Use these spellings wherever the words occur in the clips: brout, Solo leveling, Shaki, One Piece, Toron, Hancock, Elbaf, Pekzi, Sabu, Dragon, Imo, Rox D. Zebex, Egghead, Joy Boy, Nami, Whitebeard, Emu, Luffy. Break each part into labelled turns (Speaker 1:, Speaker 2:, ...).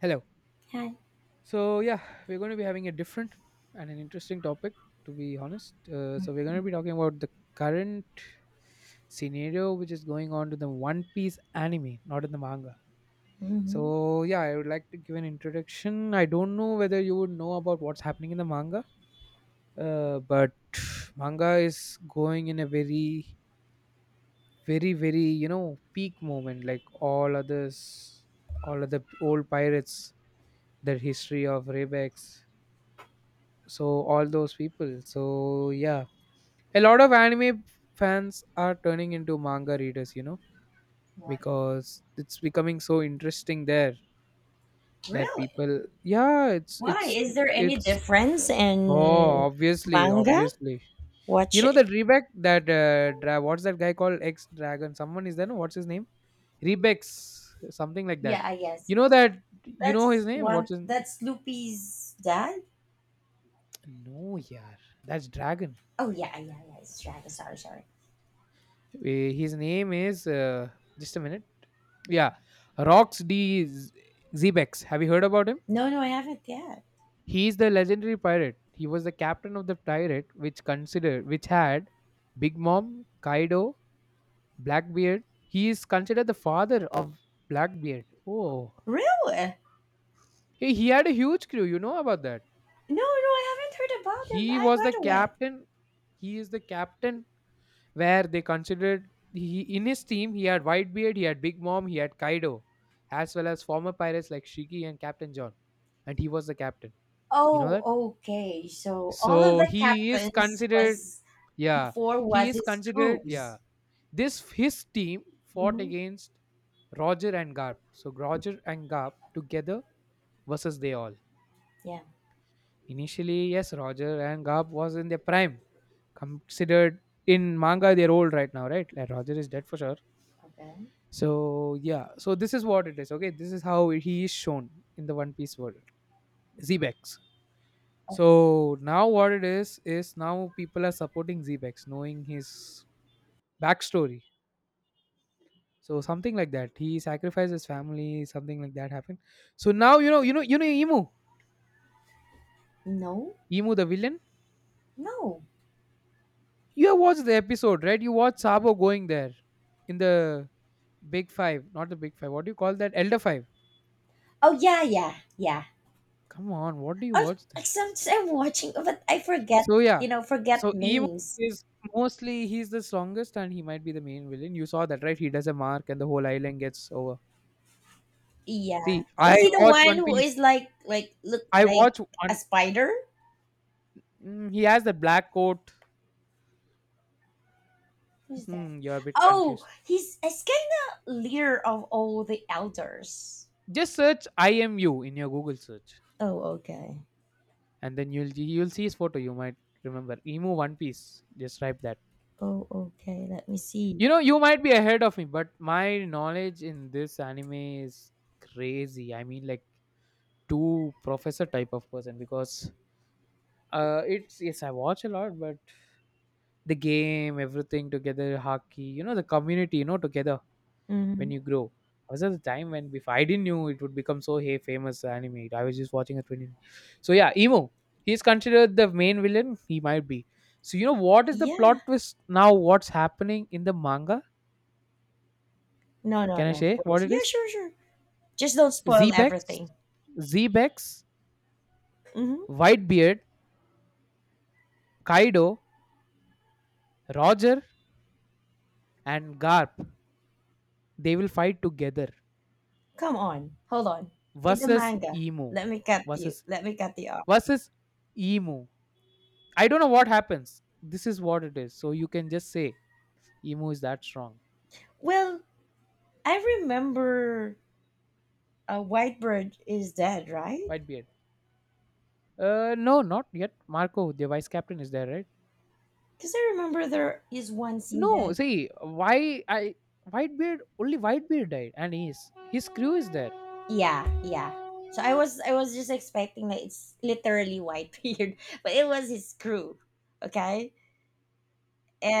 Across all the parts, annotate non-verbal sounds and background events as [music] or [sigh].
Speaker 1: Hello.
Speaker 2: Hi.
Speaker 1: So yeah, we're going to be having a different and an interesting topic, to be honest. So we're going to be talking about the current scenario which is going on to the One Piece anime, not in the manga.
Speaker 2: Hmm.
Speaker 1: So yeah, I would like to give an introduction. I don't know whether you would know about what's happening in the manga, but [sighs] manga is going in a very, very, very peak moment, like all others, all of the old pirates, their history of Rebex, so all those people. So yeah, a lot of anime fans are turning into manga readers
Speaker 2: What?
Speaker 1: because it's becoming so interesting there. That
Speaker 2: Really?
Speaker 1: people, yeah, it's
Speaker 2: Why?
Speaker 1: it's
Speaker 2: Is there any
Speaker 1: it's
Speaker 2: difference
Speaker 1: oh
Speaker 2: in
Speaker 1: obviously
Speaker 2: manga?
Speaker 1: obviously You
Speaker 2: Watch
Speaker 1: know
Speaker 2: it.
Speaker 1: that Rebek, that what's that guy called, ex dragon, someone is there, no? What's his name? Rebex, something like
Speaker 2: Yeah,
Speaker 1: that.
Speaker 2: I guess.
Speaker 1: You
Speaker 2: Yeah.
Speaker 1: know that, you know
Speaker 2: That's
Speaker 1: his name,
Speaker 2: one.
Speaker 1: what's his?
Speaker 2: That's Loopy's dad.
Speaker 1: No, yeah, that's Dragon.
Speaker 2: Oh, yeah, yeah, yeah. It's Dragon. Sorry, sorry.
Speaker 1: His name is just a minute. Yeah, Rox D. Zebex. Have you heard about him?
Speaker 2: No, no, I haven't yet.
Speaker 1: He is the legendary pirate. He was the captain of the pirate, which had Big Mom, Kaido, Blackbeard. He is considered the father of Blackbeard. Oh,
Speaker 2: Really?
Speaker 1: hey, he had a huge crew. You know about that?
Speaker 2: No, no, I haven't heard about him.
Speaker 1: He
Speaker 2: I,
Speaker 1: was
Speaker 2: by
Speaker 1: the
Speaker 2: the way,
Speaker 1: captain. He is the captain where they considered he in his team. He had Whitebeard, he had Big Mom, he had Kaido, as well as former pirates like Shiki and Captain John, and he was the captain. You know
Speaker 2: oh,
Speaker 1: that?
Speaker 2: okay. So all of
Speaker 1: So
Speaker 2: the
Speaker 1: he is
Speaker 2: captains
Speaker 1: considered,
Speaker 2: was
Speaker 1: yeah,
Speaker 2: before
Speaker 1: he
Speaker 2: was
Speaker 1: is
Speaker 2: his
Speaker 1: considered,
Speaker 2: crews.
Speaker 1: yeah. This his team fought
Speaker 2: Hmm.
Speaker 1: against Roger and Garp. So Roger and Garp together versus they all.
Speaker 2: Yeah.
Speaker 1: Initially, yes, Roger and Garp was in their prime, considered in manga they're old right now, right? Like Roger is dead for sure.
Speaker 2: Okay.
Speaker 1: So yeah, so this is what it is. Okay, this is how he is shown in the One Piece world. Zebex.
Speaker 2: Oh
Speaker 1: So now what it is now people are supporting Zebex, knowing his backstory. So something like that. He sacrificed his family. Something like that happened. So now Emu,
Speaker 2: no,
Speaker 1: Emu the villain.
Speaker 2: no.
Speaker 1: You have watched the episode, right? You watched Sabo going there in the Big Five, not the Big Five. What do you call that? Elder Five.
Speaker 2: Oh yeah, yeah, yeah.
Speaker 1: Come on, what do you
Speaker 2: Oh,
Speaker 1: watch then?
Speaker 2: sometimes I'm watching, but I forget,
Speaker 1: So yeah,
Speaker 2: forget
Speaker 1: so Emu
Speaker 2: names.
Speaker 1: is mostly he's the strongest and he might be the main villain. You saw that, right? He does a mark and the whole island gets over.
Speaker 2: Yeah.
Speaker 1: See, I
Speaker 2: Is he the
Speaker 1: watch
Speaker 2: one
Speaker 1: One
Speaker 2: who
Speaker 1: Piece.
Speaker 2: is like, look
Speaker 1: I
Speaker 2: like
Speaker 1: watch
Speaker 2: a
Speaker 1: one.
Speaker 2: spider?
Speaker 1: Mm, he has the black coat.
Speaker 2: Who's that?
Speaker 1: Hmm, you're a bit
Speaker 2: Oh,
Speaker 1: confused.
Speaker 2: he's kind of leader of all the elders.
Speaker 1: Just search IMU in your Google search,
Speaker 2: Oh, okay.
Speaker 1: and then you'll see his photo. You might remember Emu One Piece. Just type that.
Speaker 2: Oh, okay. Let me see.
Speaker 1: You know, you might be ahead of me, but my knowledge in this anime is crazy. I mean, like two professor type of person because it's yes, I watch a lot, but the game, everything together, hockey, you know, the community, you know, together when
Speaker 2: Hmm.
Speaker 1: you grow. I was at the time when before I didn't knew it would become so hey famous anime. I was just watching a 20. So yeah, Emo. He's considered the main villain. He might be. So you know what is the
Speaker 2: Yeah.
Speaker 1: plot twist now? What's happening in the manga?
Speaker 2: No, no,
Speaker 1: Can I
Speaker 2: no, of
Speaker 1: say what
Speaker 2: course.
Speaker 1: it
Speaker 2: Yeah,
Speaker 1: is?
Speaker 2: sure, sure. Just don't spoil
Speaker 1: Zebex,
Speaker 2: everything.
Speaker 1: Zebex,
Speaker 2: Hmm.
Speaker 1: Whitebeard, Kaido, Roger, and Garp. They will fight together
Speaker 2: Come on. Hold on. In the
Speaker 1: versus
Speaker 2: manga,
Speaker 1: Emo versus
Speaker 2: Let me cut you off.
Speaker 1: versus Emu. I don't know what happens. This is what it is. So you can just say Emu is that strong.
Speaker 2: Well, I remember a White Bird is dead, right?
Speaker 1: Whitebeard. No, not yet. Marco, the vice captain, is there, right?
Speaker 2: Because I remember there is one scene
Speaker 1: No,
Speaker 2: that
Speaker 1: see why I Whitebeard only Whitebeard died, and he's his crew is there.
Speaker 2: yeah, yeah. So I was just expecting that it's literally Whitebeard, [laughs] but it was his crew, okay?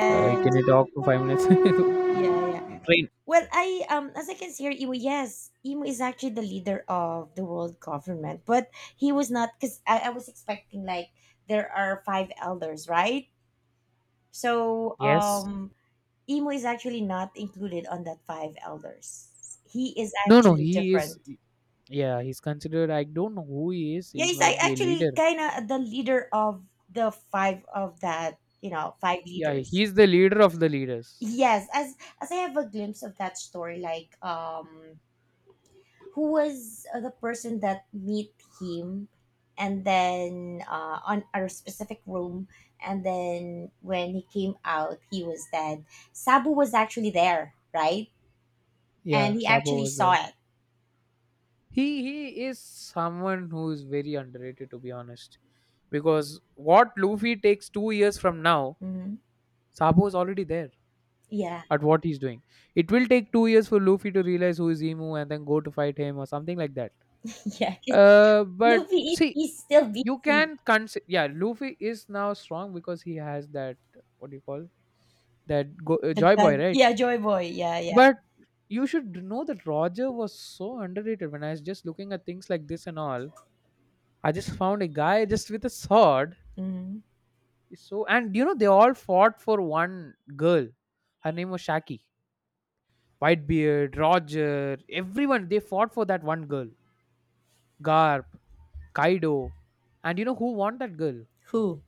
Speaker 1: Can you talk for 5 minutes?
Speaker 2: yeah, yeah.
Speaker 1: [laughs] Train.
Speaker 2: Well, I as I can see here, Imo yes, Imo is actually the leader of the world government, but he was not because I was expecting like there are five elders, right? So
Speaker 1: Yes.
Speaker 2: Imo is actually not included on that five elders. He is
Speaker 1: No, no,
Speaker 2: actually
Speaker 1: he is.
Speaker 2: different.
Speaker 1: Yeah, he's considered. I don't know who he is.
Speaker 2: Yeah,
Speaker 1: He
Speaker 2: he's like
Speaker 1: might be a
Speaker 2: actually
Speaker 1: leader.
Speaker 2: kind of the leader of the five of that, you know, five
Speaker 1: Yeah,
Speaker 2: leaders.
Speaker 1: he's the leader of the leaders.
Speaker 2: Yes, as I have a glimpse of that story, like who was the person that meet him, and then on a specific room, and then when he came out, he was dead. Sabu was actually there, right? And
Speaker 1: Yeah,
Speaker 2: he
Speaker 1: Sabo
Speaker 2: actually
Speaker 1: was
Speaker 2: saw
Speaker 1: there.
Speaker 2: it.
Speaker 1: He is someone who is very underrated, to be honest, because what Luffy takes 2 years from now,
Speaker 2: Mhm.
Speaker 1: Sabo is already there
Speaker 2: Yeah,
Speaker 1: at what he's doing. It will take 2 years for Luffy to realize who is Emu and then go to fight him or something like that.
Speaker 2: [laughs] yeah. 'Cause
Speaker 1: But
Speaker 2: Luffy is
Speaker 1: see,
Speaker 2: he's still
Speaker 1: you
Speaker 2: busy.
Speaker 1: can consider, yeah, Luffy is now strong because he has that, what do you call that,
Speaker 2: The
Speaker 1: Joy
Speaker 2: god,
Speaker 1: Boy, right?
Speaker 2: yeah, Joy Boy, yeah, yeah.
Speaker 1: But you should know that Roger was so underrated. When I was just looking at things like this and all, I just found a guy just with a sword.
Speaker 2: Mhm.
Speaker 1: So, and you know they all fought for one girl. Her name was Shaki. Whitebeard, Roger, everyone they fought for that one girl. Garp, Kaido, and you know who won that girl?
Speaker 2: Who?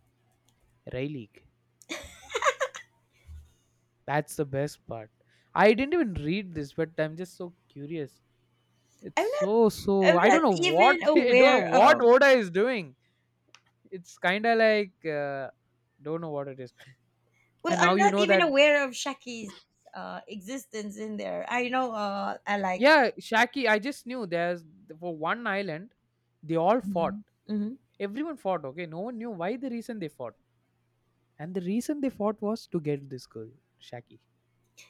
Speaker 1: Rayleigh. That's the best part. I didn't even read this, but I'm just so curious. It's
Speaker 2: I'm not.
Speaker 1: so so.
Speaker 2: I'm
Speaker 1: I
Speaker 2: not
Speaker 1: don't know what
Speaker 2: even
Speaker 1: [laughs] I don't know
Speaker 2: aware
Speaker 1: what
Speaker 2: of.
Speaker 1: Oda is doing. It's kind of like don't know what it is.
Speaker 2: Well,
Speaker 1: And now
Speaker 2: I'm
Speaker 1: you
Speaker 2: not
Speaker 1: know
Speaker 2: even
Speaker 1: that.
Speaker 2: aware of Shaki's existence in there. I know. I like.
Speaker 1: Yeah, Shaki, I just knew there's for one island, they all fought.
Speaker 2: Mhm, mhm.
Speaker 1: Everyone fought, okay? No one knew why the reason they fought. And the reason they fought was to get this girl, Shaki.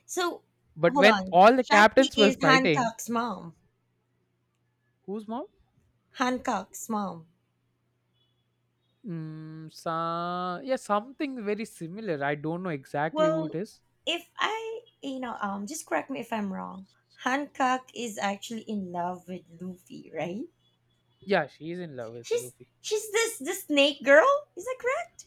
Speaker 2: So,
Speaker 1: But
Speaker 2: hold
Speaker 1: when
Speaker 2: on.
Speaker 1: all the
Speaker 2: Shaki
Speaker 1: captains were
Speaker 2: is
Speaker 1: fighting,
Speaker 2: Hancock's mom.
Speaker 1: whose mom?
Speaker 2: Hancock's mom.
Speaker 1: Mm, yeah, something very similar. I don't know exactly who it
Speaker 2: Well,
Speaker 1: is.
Speaker 2: if I, you know, just correct me if I'm wrong. Hancock is actually in love with Luffy, right?
Speaker 1: Yeah, she's in love with
Speaker 2: She's
Speaker 1: Luffy.
Speaker 2: she's this the snake girl. Is that correct?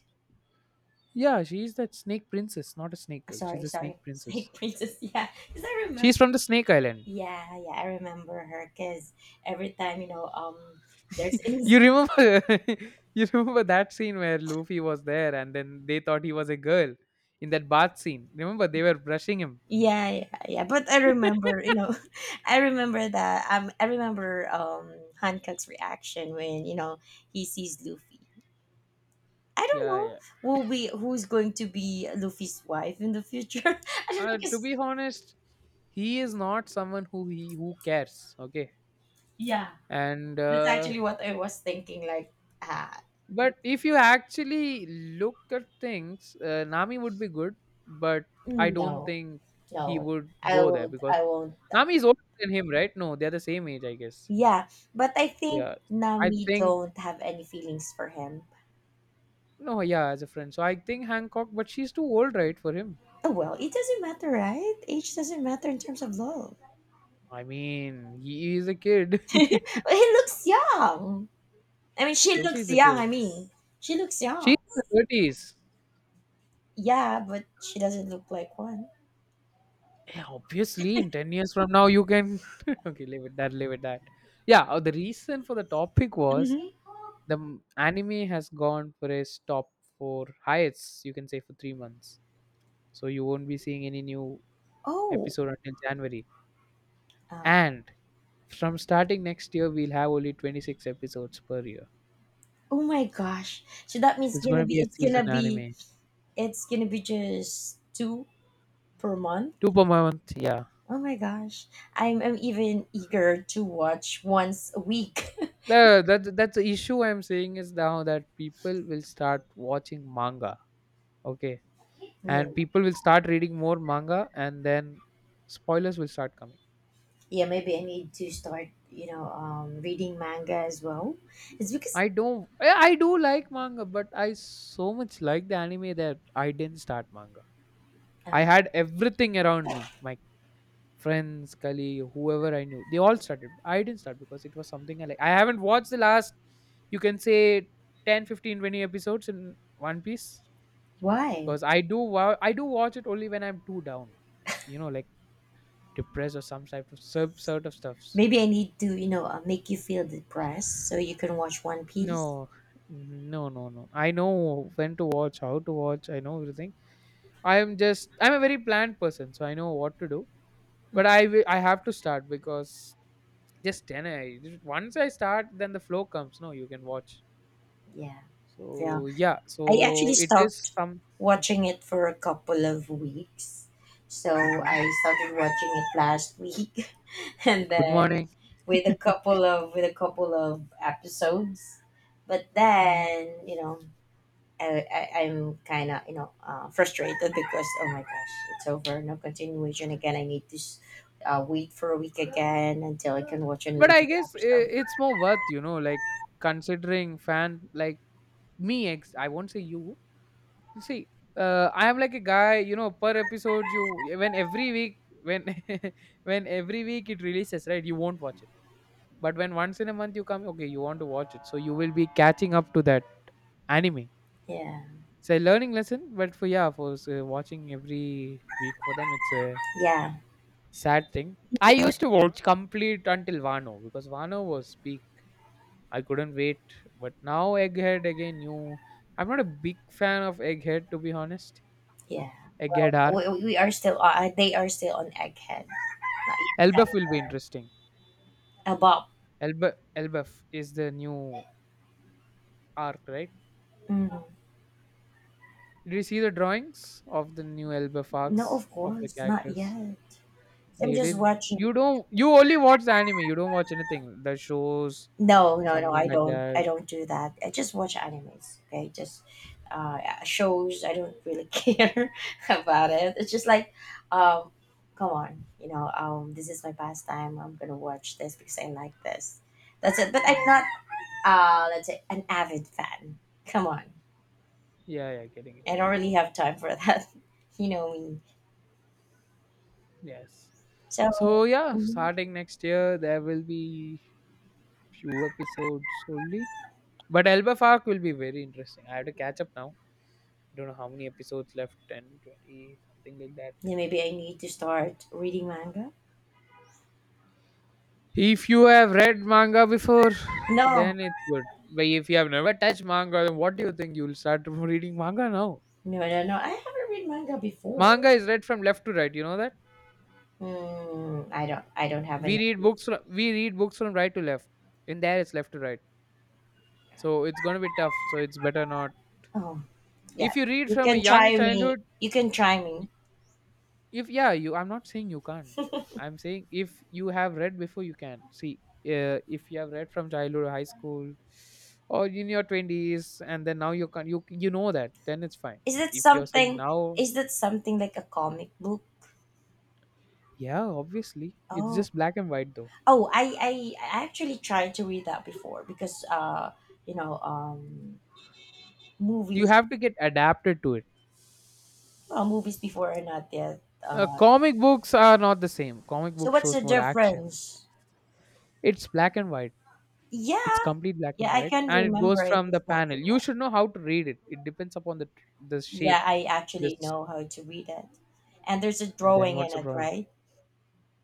Speaker 1: Yeah, she's that snake princess, not a snake
Speaker 2: Ah,
Speaker 1: girl. She's
Speaker 2: sorry,
Speaker 1: a
Speaker 2: sorry,
Speaker 1: snake princess.
Speaker 2: snake princess. [laughs] Yeah, because I remember.
Speaker 1: She's from the Snake Island.
Speaker 2: Yeah, yeah, I remember her because every time you know, there's
Speaker 1: [laughs]
Speaker 2: [laughs]
Speaker 1: you
Speaker 2: ins.
Speaker 1: remember [laughs] you remember that scene where Luffy was there and then they thought he was a girl in that bath scene. Remember they were brushing him.
Speaker 2: Yeah, yeah, yeah. But I
Speaker 1: [laughs]
Speaker 2: remember, you know, [laughs] I remember that. I remember Hancock's reaction when you know he sees Luffy. I don't
Speaker 1: Yeah,
Speaker 2: know
Speaker 1: yeah.
Speaker 2: who's going to be Luffy's wife in the future. [laughs] I don't know
Speaker 1: To
Speaker 2: because
Speaker 1: be honest, he is not someone who he who cares. Okay,
Speaker 2: yeah,
Speaker 1: and
Speaker 2: that's actually what I was thinking. Like, ah,
Speaker 1: but if you actually look at things, Nami would be good, but I don't
Speaker 2: no.
Speaker 1: think he
Speaker 2: No,
Speaker 1: would
Speaker 2: I
Speaker 1: go there
Speaker 2: won't.
Speaker 1: because
Speaker 2: I won't.
Speaker 1: Nami is older than him, right? No, they're the same age, I guess.
Speaker 2: Yeah, but I think
Speaker 1: Yeah, I
Speaker 2: Nami
Speaker 1: think.
Speaker 2: don't have any feelings for him.
Speaker 1: No, yeah, as a friend. So I think Hancock, but she's too old, right, for him?
Speaker 2: Oh well, it doesn't matter, right? Age doesn't matter in terms of love.
Speaker 1: I mean, he is a kid.
Speaker 2: [laughs]
Speaker 1: [laughs]
Speaker 2: Well, he looks young. I mean, she
Speaker 1: Luffy
Speaker 2: looks
Speaker 1: is a
Speaker 2: young.
Speaker 1: kid.
Speaker 2: I mean, she looks young.
Speaker 1: She's in the 30s.
Speaker 2: Yeah, but she doesn't look like one.
Speaker 1: Yeah, obviously, in 10 years from now, you can. [laughs] Okay, leave it that, leave it that. Yeah, the reason for the topic was
Speaker 2: Hmm.
Speaker 1: the anime has gone for its top four highest, you can say, for 3 months. So you won't be seeing any new
Speaker 2: Oh,
Speaker 1: episode until January.
Speaker 2: um,
Speaker 1: And from starting next year, we'll have only 26 episodes per year.
Speaker 2: oh my gosh! So that means
Speaker 1: It's
Speaker 2: gonna
Speaker 1: gonna be
Speaker 2: be
Speaker 1: a season anime.
Speaker 2: it's gonna be just two per month.
Speaker 1: Two per month, yeah.
Speaker 2: Oh my gosh. I'm even eager to watch once a week. [laughs]
Speaker 1: The, that's the issue I'm saying is now that people will start watching manga, okay,
Speaker 2: Yeah,
Speaker 1: and people will start reading more manga, and then spoilers will start coming.
Speaker 2: yeah. Maybe I need to start, you know, reading manga as well. It's because
Speaker 1: I don't, I do like manga, but I so much like the anime that I didn't start manga. I
Speaker 2: um,
Speaker 1: had everything around me, my friends, colleague, whoever I knew, they all started. I didn't start because it was something I like. I haven't watched the last, you can say, 10, 15, 20 episodes in One Piece
Speaker 2: why?
Speaker 1: because I do watch it only when I'm too down, you know, like depressed or some type of sub sort of stuffs.
Speaker 2: Maybe I need to, you know, make you feel depressed so you can watch One Piece.
Speaker 1: No, no, no, no. I know when to watch, how to watch. I know everything. I am just I'm a very planned person, so I know what to do. But I will, I have to start because just 10 once I start then the flow comes. No, you can watch.
Speaker 2: Yeah, yeah.
Speaker 1: So yeah,
Speaker 2: I actually
Speaker 1: so it is
Speaker 2: stopped
Speaker 1: some.
Speaker 2: watching it for a couple of weeks, so
Speaker 1: Mhm.
Speaker 2: I started watching it last week, [laughs] and
Speaker 1: Good
Speaker 2: then
Speaker 1: morning.
Speaker 2: with a
Speaker 1: [laughs]
Speaker 2: couple of with a couple of episodes but
Speaker 1: Mm.
Speaker 2: then you know I'm kind of you know frustrated because oh my gosh it's over no continuation again I need to wait for a week again until I can watch
Speaker 1: But
Speaker 2: another
Speaker 1: I guess
Speaker 2: episode
Speaker 1: it's more worth, you know, like considering fan like me. Ex I won't say you. See, I am like a guy, you know, per episode. You When every week when [laughs] when every week it releases, right, you won't watch it. But when once in a month you come, okay, you want to watch it, so you will be catching up to that anime.
Speaker 2: yeah
Speaker 1: It's a learning lesson, but for yeah, for watching every week for them, it's a
Speaker 2: yeah.
Speaker 1: sad thing. I used to
Speaker 2: Exactly.
Speaker 1: watch complete until vano because vano was peak. I couldn't wait, but now Egghead again, new. I'm not a big fan of Egghead, to be honest.
Speaker 2: Yeah
Speaker 1: Egghead arc.
Speaker 2: well we are still they are still on egghead not
Speaker 1: Elbaf will be interesting.
Speaker 2: yet about
Speaker 1: Elba, Elbaf is the new arc, right?
Speaker 2: mm,
Speaker 1: Did you see the drawings of the new Elbaf
Speaker 2: no
Speaker 1: arcs,
Speaker 2: of
Speaker 1: of the
Speaker 2: course not
Speaker 1: characters?
Speaker 2: yet I'm
Speaker 1: They
Speaker 2: just
Speaker 1: did.
Speaker 2: watching.
Speaker 1: You don't You only watch the anime, you don't watch anything, the shows,
Speaker 2: No, no, no.
Speaker 1: something
Speaker 2: I
Speaker 1: like
Speaker 2: don't. I
Speaker 1: that.
Speaker 2: don't do that. I just watch animes. Okay, just uh, shows. I don't really [laughs] care about it. It's just like, um, come on, you know, this is my pastime. I'm gonna watch this because I like this. That's it. But I'm
Speaker 1: Hmm.
Speaker 2: not, let's say, an avid fan. Come on,
Speaker 1: Yeah, yeah, getting it.
Speaker 2: I don't really have time for that. [laughs] You know me.
Speaker 1: Yes.
Speaker 2: So,
Speaker 1: So yeah,
Speaker 2: mhm.
Speaker 1: starting next year there will be few episodes only, but Elba Park will be very interesting. I have to catch up now. I don't know how many episodes left. 10, 20, something like that.
Speaker 2: Yeah, maybe I need to start reading manga.
Speaker 1: If you have read manga before,
Speaker 2: No,
Speaker 1: then it's good. But if you have never touched manga, then what do you think you'll start [laughs] reading manga now?
Speaker 2: no, no, no. I haven't read manga before.
Speaker 1: Manga is read from left to right. You know that
Speaker 2: Mm, I don't have any.
Speaker 1: we read books from right to left. In there, it's left to right. So it's going to be tough. So it's better not.
Speaker 2: Oh, yeah.
Speaker 1: If you read
Speaker 2: You
Speaker 1: from a
Speaker 2: can
Speaker 1: young
Speaker 2: try me.
Speaker 1: childhood,
Speaker 2: You can try me.
Speaker 1: if yeah, you, I'm not saying you can't. I'm saying if you have read before, you can see. If you have read from childhood, high school, or in your twenties, and then now you can, you know that, then it's fine.
Speaker 2: Is that
Speaker 1: If you're saying
Speaker 2: something
Speaker 1: now,
Speaker 2: like a comic book?
Speaker 1: yeah, obviously it's
Speaker 2: Oh.
Speaker 1: just black and white though.
Speaker 2: Oh, I actually tried to read that before because you know,
Speaker 1: You
Speaker 2: movies,
Speaker 1: have to get adapted to it.
Speaker 2: well, movies before are not yet.
Speaker 1: Comic books are not the same. Comic
Speaker 2: So
Speaker 1: book
Speaker 2: what's the
Speaker 1: shows more action.
Speaker 2: difference?
Speaker 1: It's black and white.
Speaker 2: Yeah.
Speaker 1: It's complete black
Speaker 2: Yeah,
Speaker 1: and
Speaker 2: I
Speaker 1: white,
Speaker 2: can
Speaker 1: and it
Speaker 2: remember
Speaker 1: goes
Speaker 2: it.
Speaker 1: from
Speaker 2: It's
Speaker 1: the
Speaker 2: black
Speaker 1: panel.
Speaker 2: and
Speaker 1: You
Speaker 2: white.
Speaker 1: should know how to read it. It depends upon the shape.
Speaker 2: Yeah, I actually
Speaker 1: This
Speaker 2: know how to read it. And there's a
Speaker 1: and then
Speaker 2: drawing in
Speaker 1: what's the
Speaker 2: it,
Speaker 1: problem?
Speaker 2: right?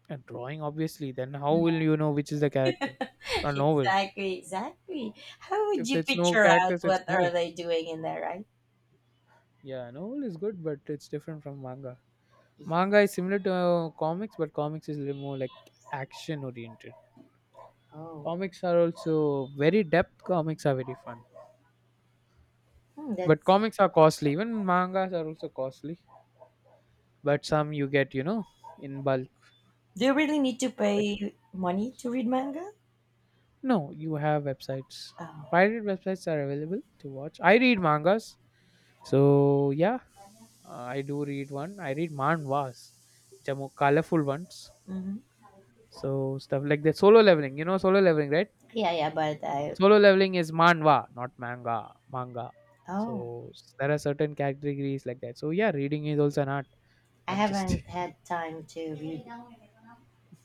Speaker 1: A drawing, obviously. Then how will you know which is the character? It's
Speaker 2: [laughs]
Speaker 1: not novel.
Speaker 2: Exactly, exactly. How would
Speaker 1: If
Speaker 2: you
Speaker 1: it's no
Speaker 2: picture out
Speaker 1: characters, it's
Speaker 2: what are
Speaker 1: novel.
Speaker 2: they doing in there, right?
Speaker 1: Yeah, novel is good, but it's different from manga. Manga is similar to comics, but comics is a little more like action oriented.
Speaker 2: Oh,
Speaker 1: Comics are also very depth. Comics are very fun,
Speaker 2: hmm,
Speaker 1: but
Speaker 2: that's.
Speaker 1: comics are costly. Even mangas are also costly. But some you get, you know, in bulk.
Speaker 2: Do you really need to
Speaker 1: Like.
Speaker 2: pay money to read manga?
Speaker 1: No, you have websites.
Speaker 2: Oh,
Speaker 1: Pirate websites are available to watch. I read mangas, so yeah, I do read one. I read manhwas, which are more colorful ones.
Speaker 2: hmm
Speaker 1: So stuff like the Solo leveling, you know, solo leveling, right?
Speaker 2: yeah, yeah, but I.
Speaker 1: Solo leveling is manhwa, not manga. Manga.
Speaker 2: Oh,
Speaker 1: So there are certain categories like that. So yeah, reading is also an art,
Speaker 2: I
Speaker 1: not just. [laughs]
Speaker 2: haven't had time to read.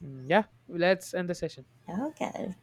Speaker 1: Mm, yeah, let's end the session.
Speaker 2: Okay.